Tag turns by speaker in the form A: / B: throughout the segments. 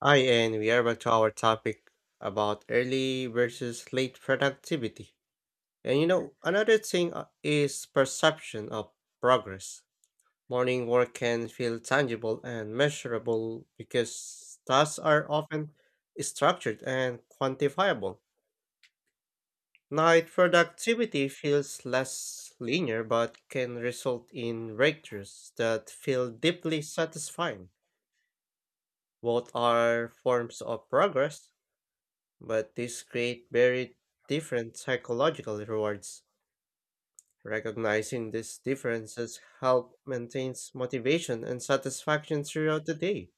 A: Hi, and we are back to our topic about early versus late productivity. Another thing is perception of progress. Morning work can feel tangible and measurable because tasks are often structured and quantifiable. Night productivity feels less linear but can result in breakthroughs that feel deeply satisfying. Both are forms of progress, but these create very different psychological rewards. Recognizing these differences help maintains motivation and satisfaction throughout the day.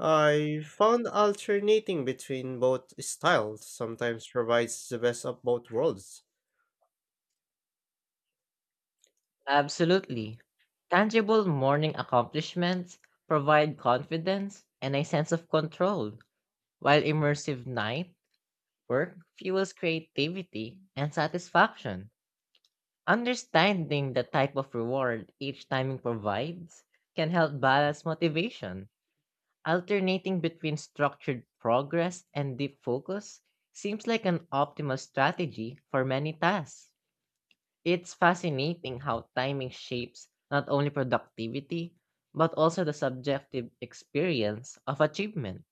A: I found alternating between both styles sometimes provides the best of both worlds.
B: Absolutely. Tangible morning accomplishments provide confidence and a sense of control, while immersive night work fuels creativity and satisfaction. Understanding the type of reward each timing provides can help balance motivation. Alternating between structured progress and deep focus seems like an optimal strategy for many tasks. It's fascinating how timing shapes not only productivity, but also the subjective experience of achievement.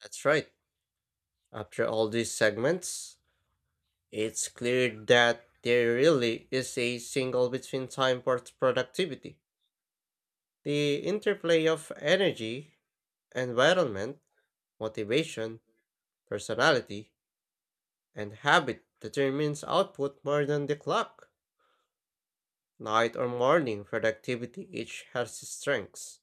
A: That's right. After all these segments, it's clear that there really is a single between time for productivity. The interplay of energy, environment, motivation, personality and habit determines output more than the clock. Night or morning productivity each has its strengths,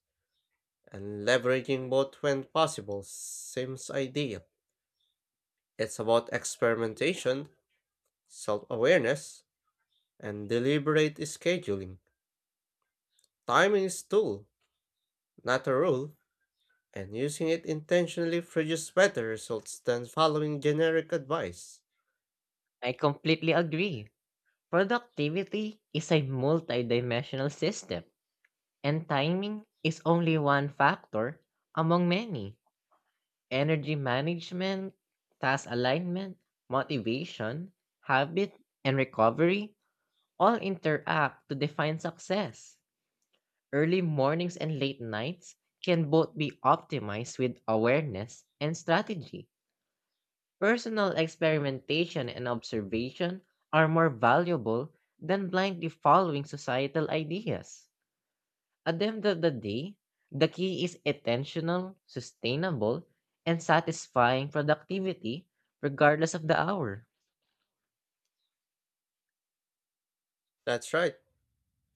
A: and leveraging both when possible seems ideal. It's about experimentation, self awareness, and deliberate scheduling. Timing is tool, not a rule, and using it intentionally produces better results than following generic advice.
B: I completely agree. Productivity is a multidimensional system, and timing is only one factor among many. Energy management, task alignment, motivation, habit, and recovery all interact to define success. Early mornings and late nights can both be optimized with awareness and strategy. Personal experimentation and observation are more valuable than blindly following societal ideas. At the end of the day, the key is intentional, sustainable, and satisfying productivity regardless of the hour.
A: That's right.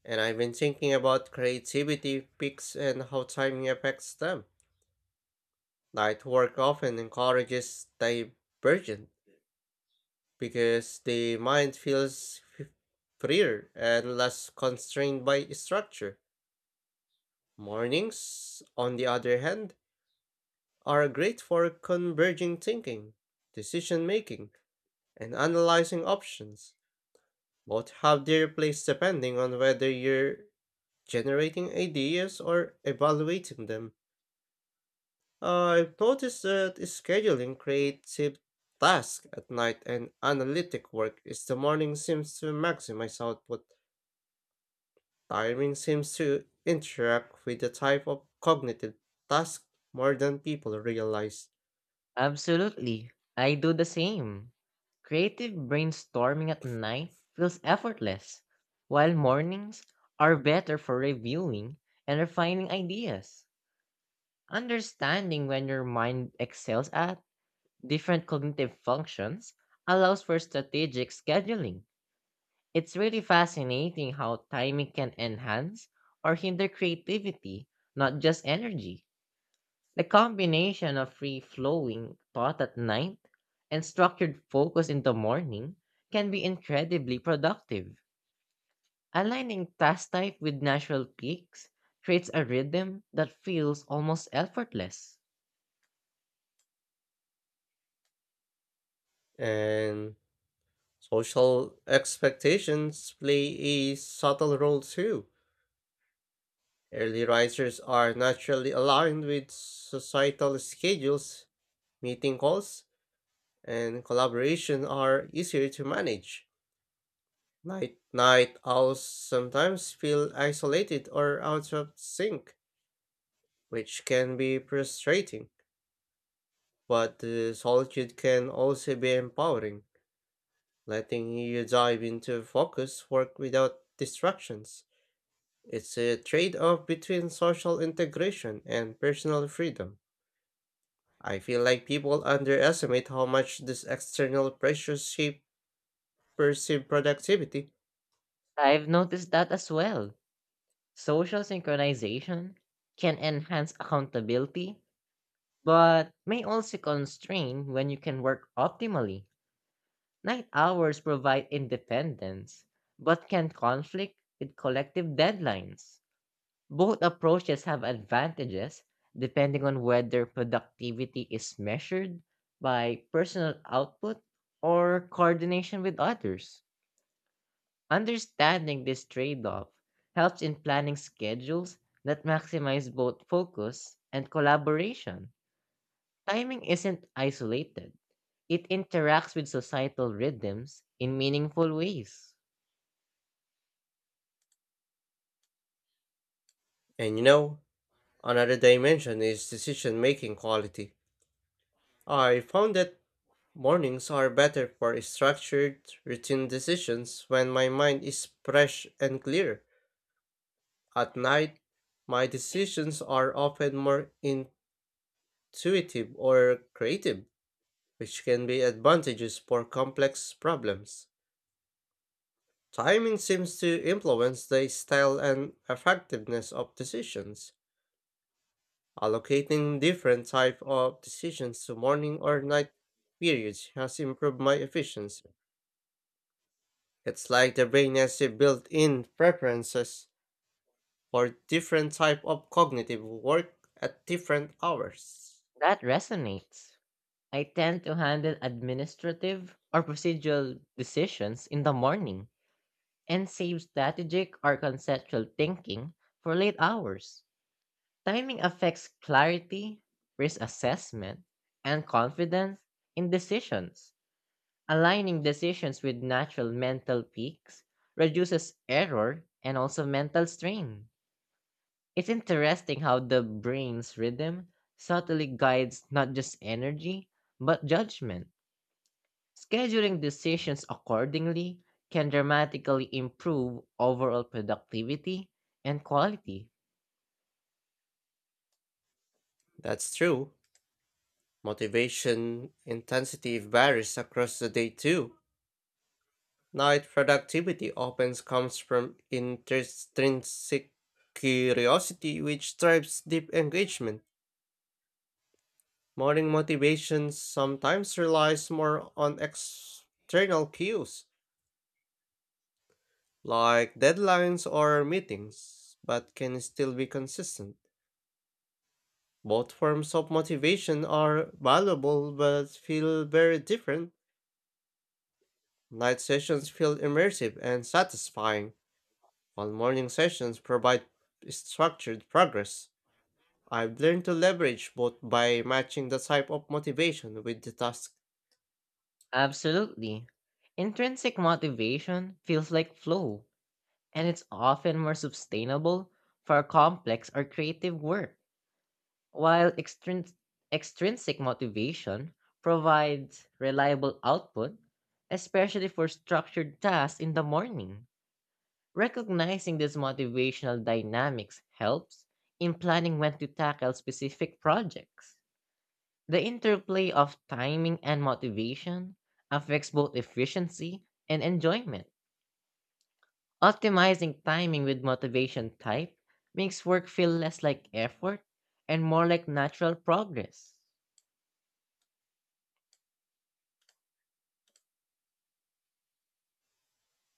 A: And I've been thinking about creativity peaks and how timing affects them. Night work often encourages divergence because the mind feels freer and less constrained by structure. Mornings, on the other hand, are great for converging thinking, decision making, and analyzing options. Both have their place depending on whether you're generating ideas or evaluating them. I've noticed that scheduling creative tasks at night and analytic work is the morning seems to maximize output. Timing seems to interact with the type of cognitive task more than people realize.
B: Absolutely. I do the same. Creative brainstorming at night feels effortless, while mornings are better for reviewing and refining ideas. Understanding when your mind excels at different cognitive functions allows for strategic scheduling. It's really fascinating how timing can enhance or hinder creativity, not just energy. The combination of free flowing thought at night and structured focus in the morning can be incredibly productive. Aligning task type with natural peaks creates a rhythm that feels almost effortless.
A: And social expectations play a subtle role too. Early risers are naturally aligned with societal schedules, meeting calls, and collaboration are easier to manage. Night owls sometimes feel isolated or out of sync, which can be frustrating, but the solitude can also be empowering, letting you dive into focus work without distractions. It's a trade-off between social integration and personal freedom. I feel like people underestimate how much these external pressures shape perceived productivity.
B: I've noticed that as well. Social synchronization can enhance accountability, but may also constrain when you can work optimally. Night hours provide independence, but can conflict with collective deadlines. Both approaches have advantages depending on whether productivity is measured by personal output or coordination with others. Understanding this trade off helps in planning schedules that maximize both focus and collaboration. Timing isn't isolated, it interacts with societal rhythms in meaningful ways.
A: And you know, Another dimension is decision making quality. I found that mornings are better for structured, routine decisions when my mind is fresh and clear. At night, my decisions are often more in. Intuitive or creative, which can be advantages for complex problems. Timing seems to influence the style and effectiveness of decisions. Allocating different type of decisions to morning or night periods has improved my efficiency. It's like the brain has a built-in preferences for different type of cognitive work at different hours.
B: That resonates. I tend to handle administrative or procedural decisions in the morning and save strategic or conceptual thinking for late hours. Timing affects clarity, risk assessment, and confidence in decisions. Aligning decisions with natural mental peaks reduces error and also mental strain. It's interesting how the brain's rhythm subtly guides not just energy, but judgment. Scheduling decisions accordingly can dramatically improve overall productivity and quality.
A: That's true. Motivation intensity varies across the day too. Night productivity often comes from intrinsic curiosity, which drives deep engagement. Morning motivation sometimes relies more on external cues, like deadlines or meetings, but can still be consistent. Both forms of motivation are valuable but feel very different. Night sessions feel immersive and satisfying, while morning sessions provide structured progress. I've learned to leverage both by matching the type of motivation with the task.
B: Absolutely. Intrinsic motivation feels like flow, and it's often more sustainable for complex or creative work. While extrinsic motivation provides reliable output, especially for structured tasks in the morning, recognizing these motivational dynamics helps in planning when to tackle specific projects. The interplay of timing and motivation affects both efficiency and enjoyment. Optimizing timing with motivation type makes work feel less like effort and more like natural progress.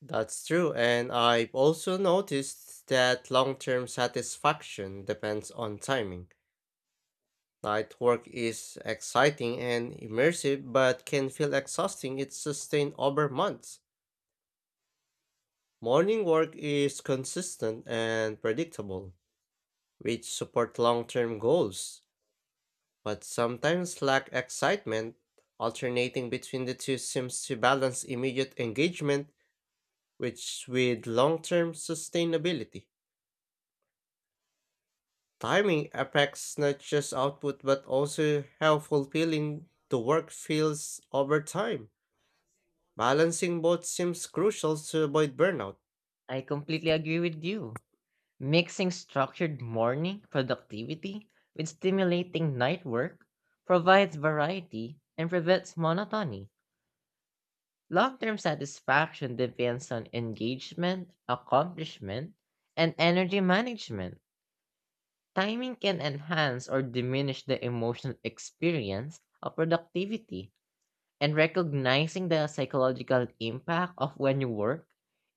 A: That's true, and I've also noticed that long term satisfaction depends on timing. Night work is exciting and immersive, but can feel exhausting if sustained over months. Morning work is consistent and predictable, which support long term goals, but sometimes lack excitement. Alternating between the two seems to balance immediate engagement which with long-term sustainability. Timing affects not just output but also how fulfilling the work feels over time. Balancing both seems crucial to avoid burnout.
B: I completely agree with you. Mixing structured morning productivity with stimulating night work provides variety and prevents monotony. Long term satisfaction depends on engagement, accomplishment, and energy management. Timing can enhance or diminish the emotional experience of productivity, and recognizing the psychological impact of when you work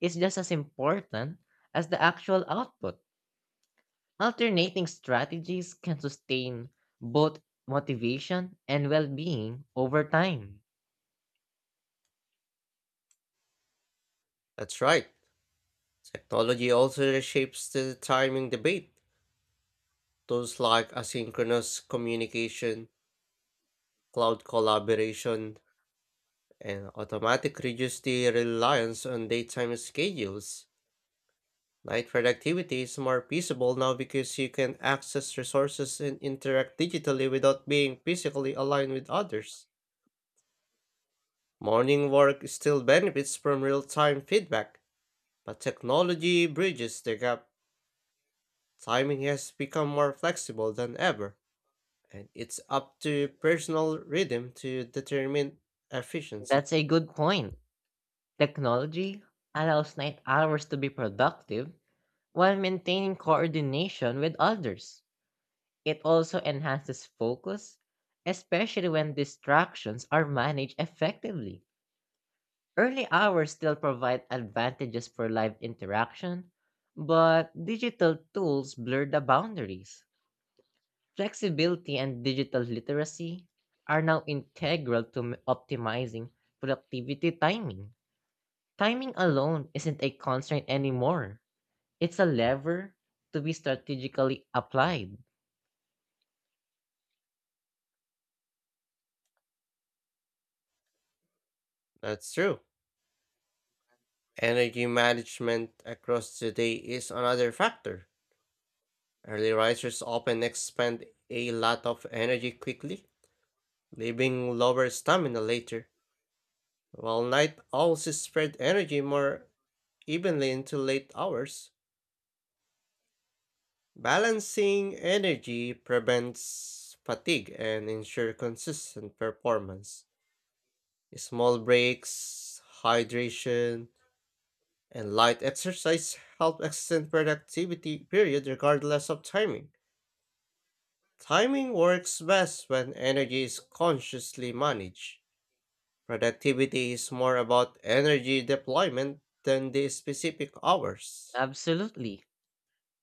B: is just as important as the actual output. Alternating strategies can sustain both motivation and well being over time.
A: That's right. Technology also reshapes the timing debate. Tools like asynchronous communication, cloud collaboration, and automatic reduce the reliance on daytime schedules. Night productivity is more feasible now because you can access resources and interact digitally without being physically aligned with others. Morning work still benefits from real time feedback, but technology bridges the gap. Timing has become more flexible than ever, and it's up to personal rhythm to determine efficiency.
B: That's a good point. Technology allows night hours to be productive while maintaining coordination with others. It also enhances focus, especially when distractions are managed effectively. Early hours still provide advantages for live interaction, but digital tools blur the boundaries. Flexibility and digital literacy are now integral to optimizing productivity timing. Timing alone isn't a constraint anymore. It's a lever to be strategically applied.
A: That's true. Energy management across the day is another factor. Early risers often expend a lot of energy quickly, leaving lower stamina later, while night owls spread energy more evenly into late hours. Balancing energy prevents fatigue and ensure consistent performance. Small breaks, hydration, and light exercise help extend productivity period regardless of timing. Timing works best when energy is consciously managed. Productivity is more about energy deployment than the specific hours.
B: Absolutely.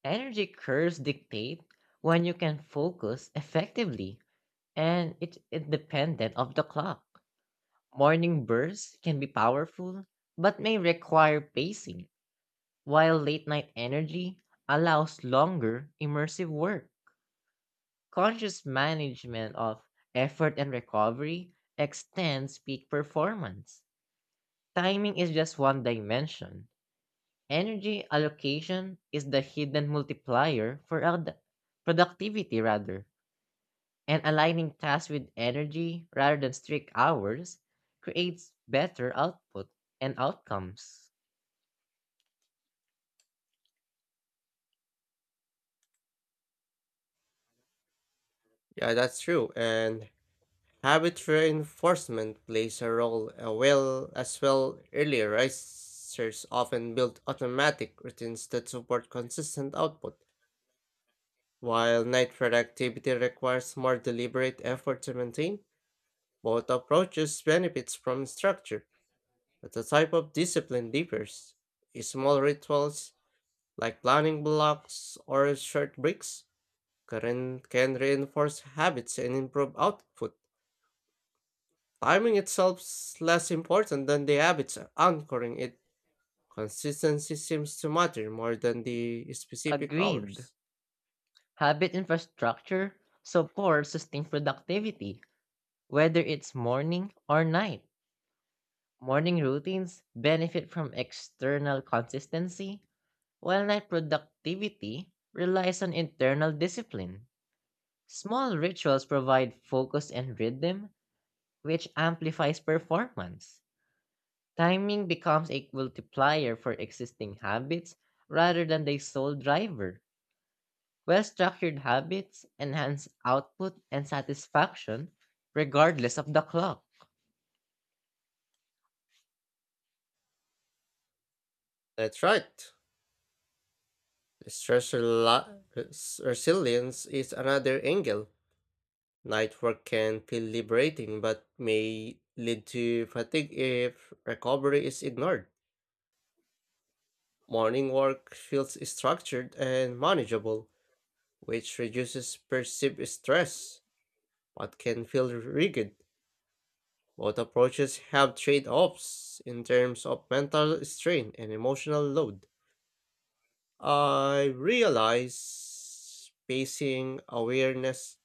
B: Energy curves dictate when you can focus effectively, and it's independent of the clock. Morning bursts can be powerful, but may require pacing. While late night energy allows longer immersive work, conscious management of effort and recovery extends peak performance. Timing is just one dimension. Energy allocation is the hidden multiplier for productivity rather, and aligning tasks with energy rather than strict hours creates better output and outcomes.
A: Yeah, that's true. And habit reinforcement plays a role well as well. Early risers often build automatic routines that support consistent output, while night productivity requires more deliberate effort to maintain. Both approaches benefits from structure, but the type of discipline differs. Small rituals, like planning blocks or short breaks, can reinforce habits and improve output. Timing itself is less important than the habits anchoring it. Consistency seems to matter more than the specific
B: Agreed.
A: hours.
B: Habit infrastructure supports sustained productivity, whether it's morning or night. Morning routines benefit from external consistency, while night productivity relies on internal discipline. Small rituals provide focus and rhythm, which amplifies performance. Timing becomes a multiplier for existing habits rather than the sole driver. Well structured habits enhance output and satisfaction regardless of the clock.
A: That's right. Resilience is another angle. Night work can feel liberating but may lead to fatigue if recovery is ignored. Morning work feels structured and manageable, which reduces perceived stress but can feel rigid. Both approaches have trade offs in terms of mental strain and emotional load. I realize pacing awareness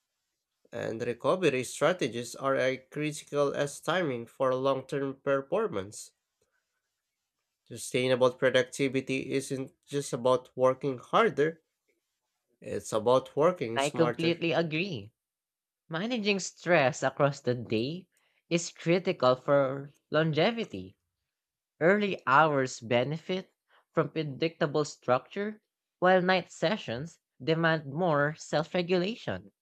A: and recovery strategies are as critical as timing for long term performance. Sustainable productivity isn't just about working harder, it's about working
B: I
A: smarter.
B: completely agree. Managing stress across the day is critical for longevity. Early hours benefit from predictable structure, while night sessions demand more self regulation.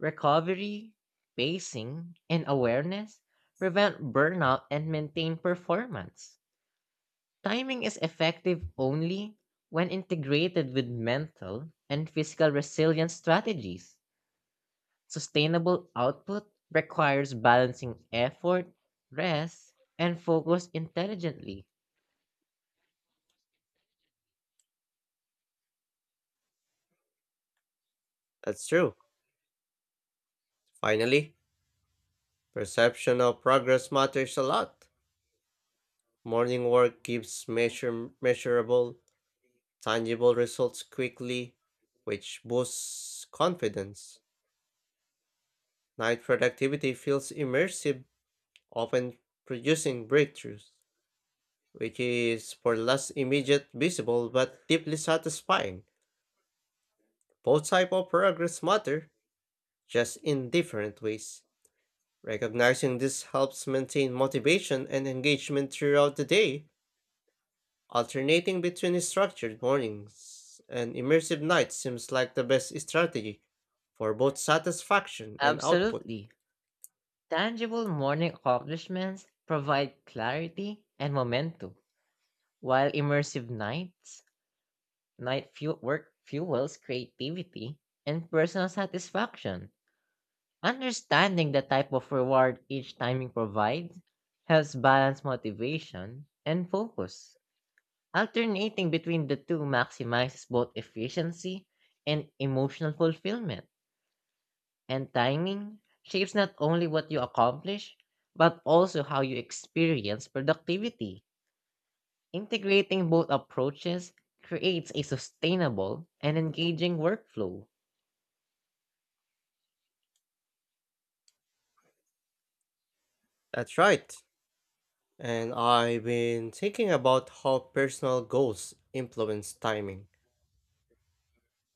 B: Recovery, pacing, and awareness prevent burnout and maintain performance. Timing is effective only when integrated with mental and physical resilience strategies. Sustainable output requires balancing effort, rest, and focus intelligently.
A: That's true. Finally, perception of progress matters a lot. Morning work gives measurable, tangible results quickly, which boosts confidence. Night productivity feels immersive, often producing breakthroughs, which is for less immediate visible but deeply satisfying. Both type of progress matter, just in different ways. Recognizing this helps maintain motivation and engagement throughout the day. Alternating between structured mornings and immersive nights seems like the best strategy for both satisfaction and output.
B: Absolutely. Tangible morning accomplishments provide clarity and momentum, while immersive nights, work fuels creativity and personal satisfaction. Understanding the type of reward each timing provides helps balance motivation and focus. Alternating between the two maximizes both efficiency and emotional fulfillment. And timing shapes not only what you accomplish, but also how you experience productivity. Integrating both approaches creates a sustainable and engaging workflow.
A: That's right. And I've been thinking about how personal goals influence timing.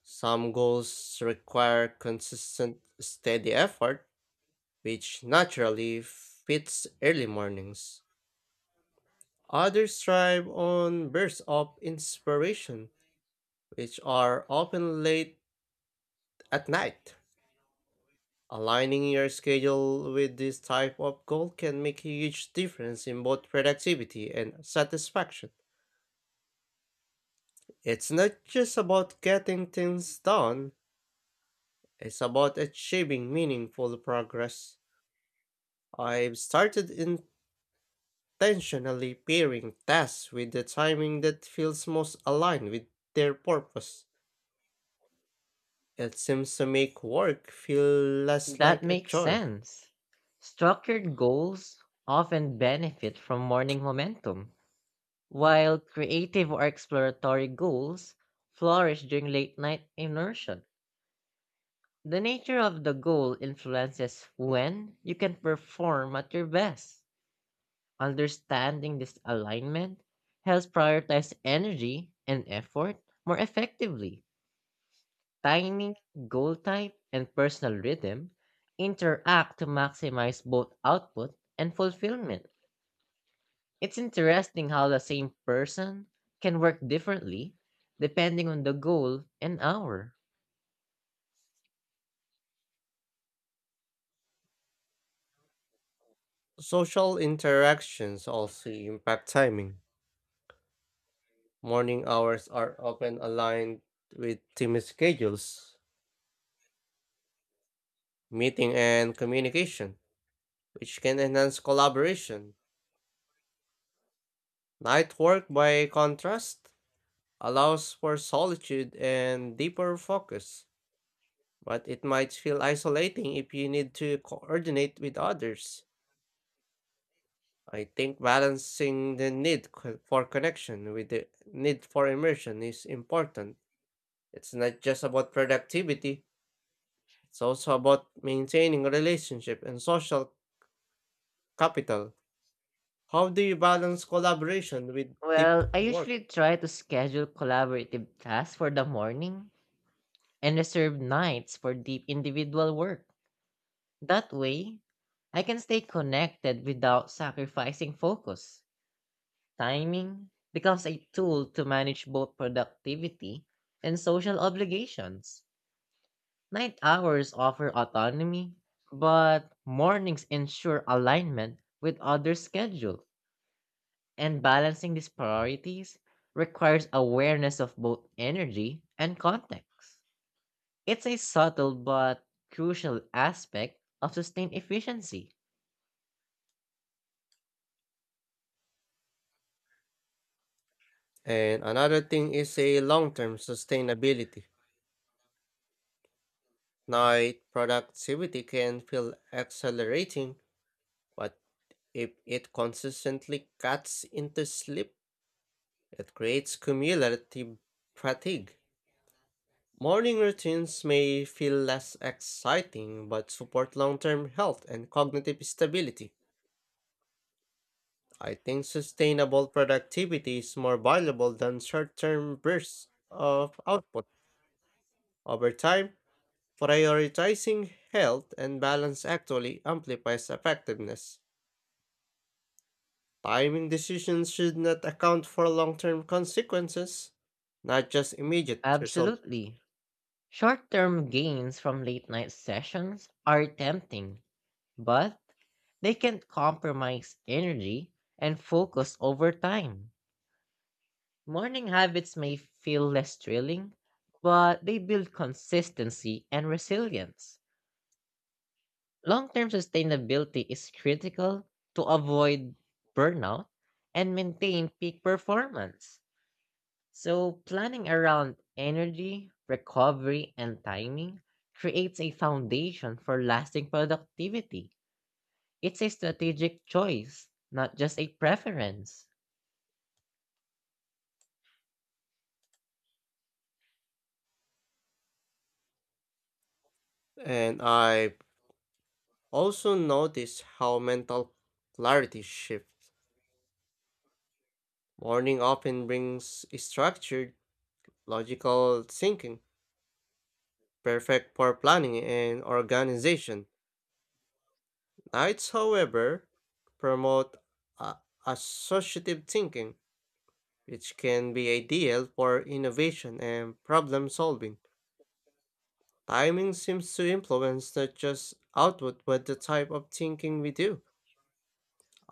A: Some goals require consistent, steady effort, which naturally fits early mornings. Others thrive on bursts of inspiration, which are often late at night. Aligning your schedule with this type of goal can make a huge difference in both productivity and satisfaction. It's not just about getting things done, it's about achieving meaningful progress. I've started in Intentionally pairing tasks with the timing that feels most aligned with their purpose. It seems to make work feel less
B: That
A: like a
B: makes
A: chore.
B: sense. Structured goals often benefit from morning momentum, while creative or exploratory goals flourish during late night inertia. The nature of the goal influences when you can perform at your best. Understanding this alignment helps prioritize energy and effort more effectively. Timing, goal type, and personal rhythm interact to maximize both output and fulfillment. It's interesting how the same person can work differently depending on the goal and hour.
A: Social interactions also impact timing. Morning hours are often aligned with team schedules, meeting, and communication, which can enhance collaboration. Night work, by contrast, allows for solitude and deeper focus, but it might feel isolating if you need to coordinate with others. I think balancing the for connection with the need for immersion is important. It's not just about productivity, it's also about maintaining relationship and social capital. How do you balance collaboration with deep
B: Well, I
A: work?
B: usually try to schedule collaborative tasks for the morning and reserve nights for deep individual work. That way, I can stay connected without sacrificing focus. Timing becomes a tool to manage both productivity and social obligations. Night hours offer autonomy, but mornings ensure alignment with other schedules. And balancing these priorities requires awareness of both energy and context. It's a subtle but crucial aspect of sustained efficiency.
A: And another thing is a long-term sustainability. Night productivity can feel accelerating, but if it consistently cuts into sleep, it creates cumulative fatigue. Morning routines may feel less exciting but support long term health and cognitive stability. I think sustainable productivity is more valuable than short term bursts of output. Over time, prioritizing health and balance actually amplifies effectiveness. Timing decisions should not account for long term consequences, not just immediate result.
B: Absolutely. Short term gains from late night sessions are tempting, but they can compromise energy and focus over time. Morning habits may feel less thrilling, but they build consistency and resilience. Long term sustainability is critical to avoid burnout and maintain peak performance. So, planning around energy, recovery, and timing creates a foundation for lasting productivity. It's a strategic choice, not just a preference.
A: And I've also noticed how mental clarity shifts. Morning often brings structured, logical thinking, perfect for planning and organization. Nights, however, promote a- associative thinking, which can be ideal for innovation and problem solving. Timing seems to influence not just output but the type of thinking we do.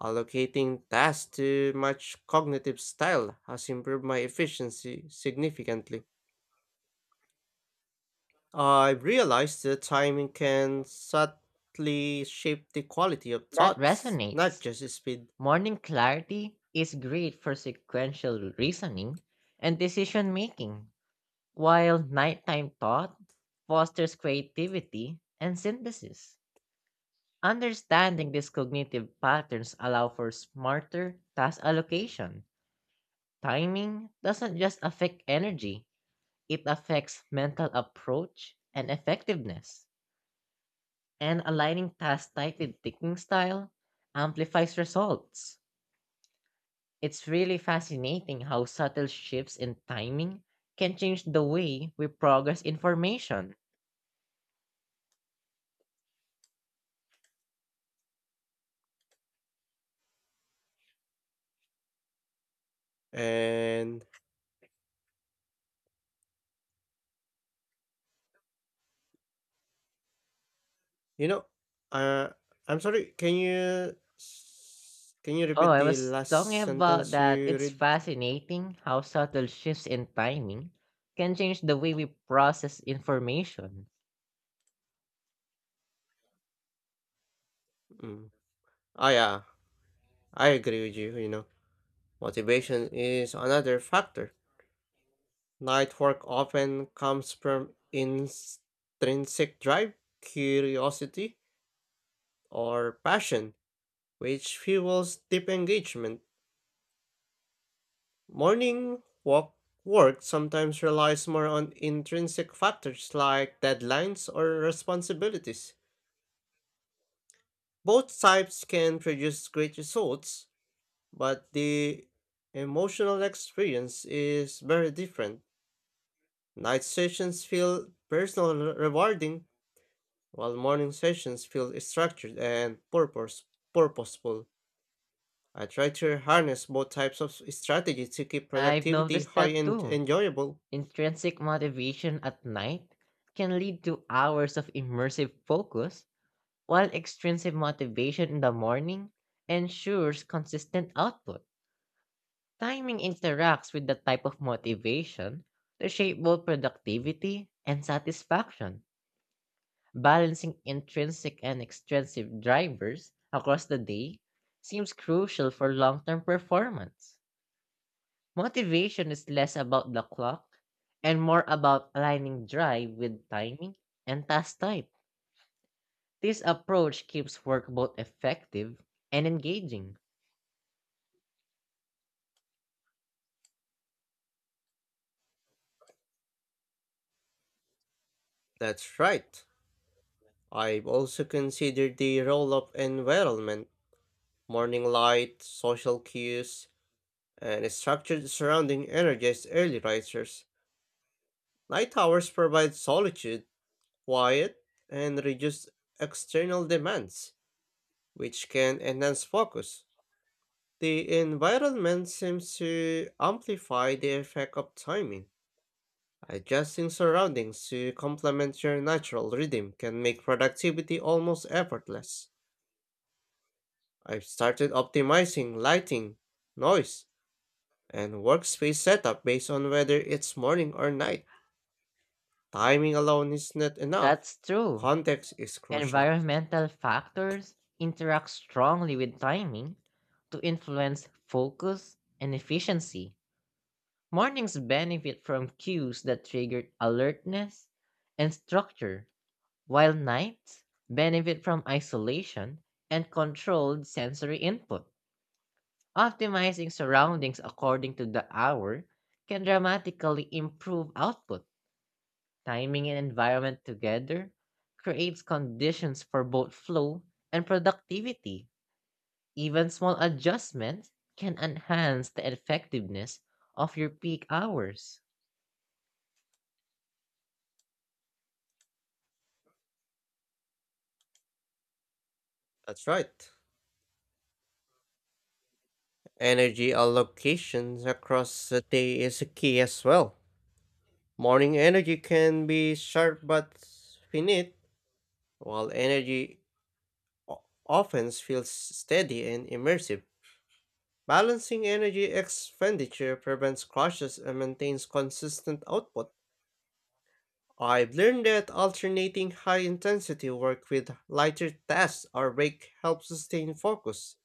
A: Allocating tasks to much cognitive style has improved my efficiency significantly. I've realized that timing can subtly shape the quality of
B: That
A: thoughts, not
B: resonates.
A: just speed.
B: Morning clarity is great for sequential reasoning and decision making, while nighttime thought fosters creativity and synthesis. Understanding these cognitive patterns allow for smarter task allocation. Timing doesn't just affect energy, it affects mental approach and effectiveness. And aligning tasks tightly with thinking style amplifies results. It's really fascinating how subtle shifts in timing can change the way we progress information.
A: And you know, uh, I'm sorry. Can you can you
B: Oh,
A: repeat
B: I
A: the
B: was talking
A: last
B: about
A: sentence
B: that.
A: you
B: It's
A: read?
B: fascinating how subtle shifts in timing can change the way we process information.
A: Mm. Oh yeah, I agree with you. You know. Motivation is another factor. Night work often comes from intrinsic drive, curiosity, or passion, which fuels deep engagement. Morning walk work sometimes relies more on intrinsic factors like deadlines or responsibilities. Both types can produce great results, but the emotional experience is very different. Night sessions feel personal rewarding, while morning sessions feel structured and purposeful. I try to harness both types of strategy to keep
B: I've
A: productivity
B: noticed
A: high
B: that
A: and
B: too.
A: enjoyable.
B: Intrinsic motivation at night can lead to hours of immersive focus, while extrinsic motivation in the morning ensures consistent output. Timing interacts with the type of motivation to shape both productivity and satisfaction. Balancing intrinsic and extrinsic drivers across the day seems crucial for long term performance. Motivation is less about the clock and more about aligning drive with timing and task type. This approach keeps work both effective and engaging.
A: That's right. I've also considered the role of environment, morning light, social cues, and structured surrounding energize early risers. Night hours provide solitude, quiet, and reduce external demands, which can enhance focus. The environment seems to amplify the effect of timing. Adjusting surroundings to complement your natural rhythm can make productivity almost effortless. I've started optimizing lighting, noise, and workspace setup based on whether it's morning or night. Timing alone is not enough.
B: That's true.
A: Context is crucial.
B: Environmental factors interact strongly with timing to influence focus and efficiency. Mornings benefit from cues that trigger alertness and structure, while nights benefit from isolation and controlled sensory input. Optimizing surroundings according to the hour can dramatically improve output. Timing and environment together creates conditions for both flow and productivity. Even small adjustments can enhance the effectiveness of your peak hours.
A: That's right. Energy allocations across the day is key as well. Morning energy can be sharp but finite, while energy often feels steady and immersive. Balancing energy expenditure prevents crashes and maintains consistent output. I've learned that alternating high intensity work with lighter tasks or break helps sustain focus.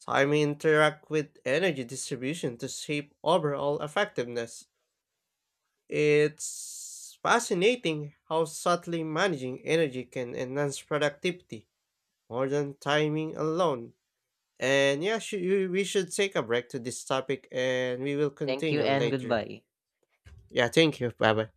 A: Time interact with energy distribution to shape overall effectiveness. It's fascinating how subtly managing energy can enhance productivity more than timing alone. And yeah, we should take a break to this topic and we will
B: Thank you
A: continue
B: and
A: later.
B: goodbye.
A: Yeah, thank you. Bye bye.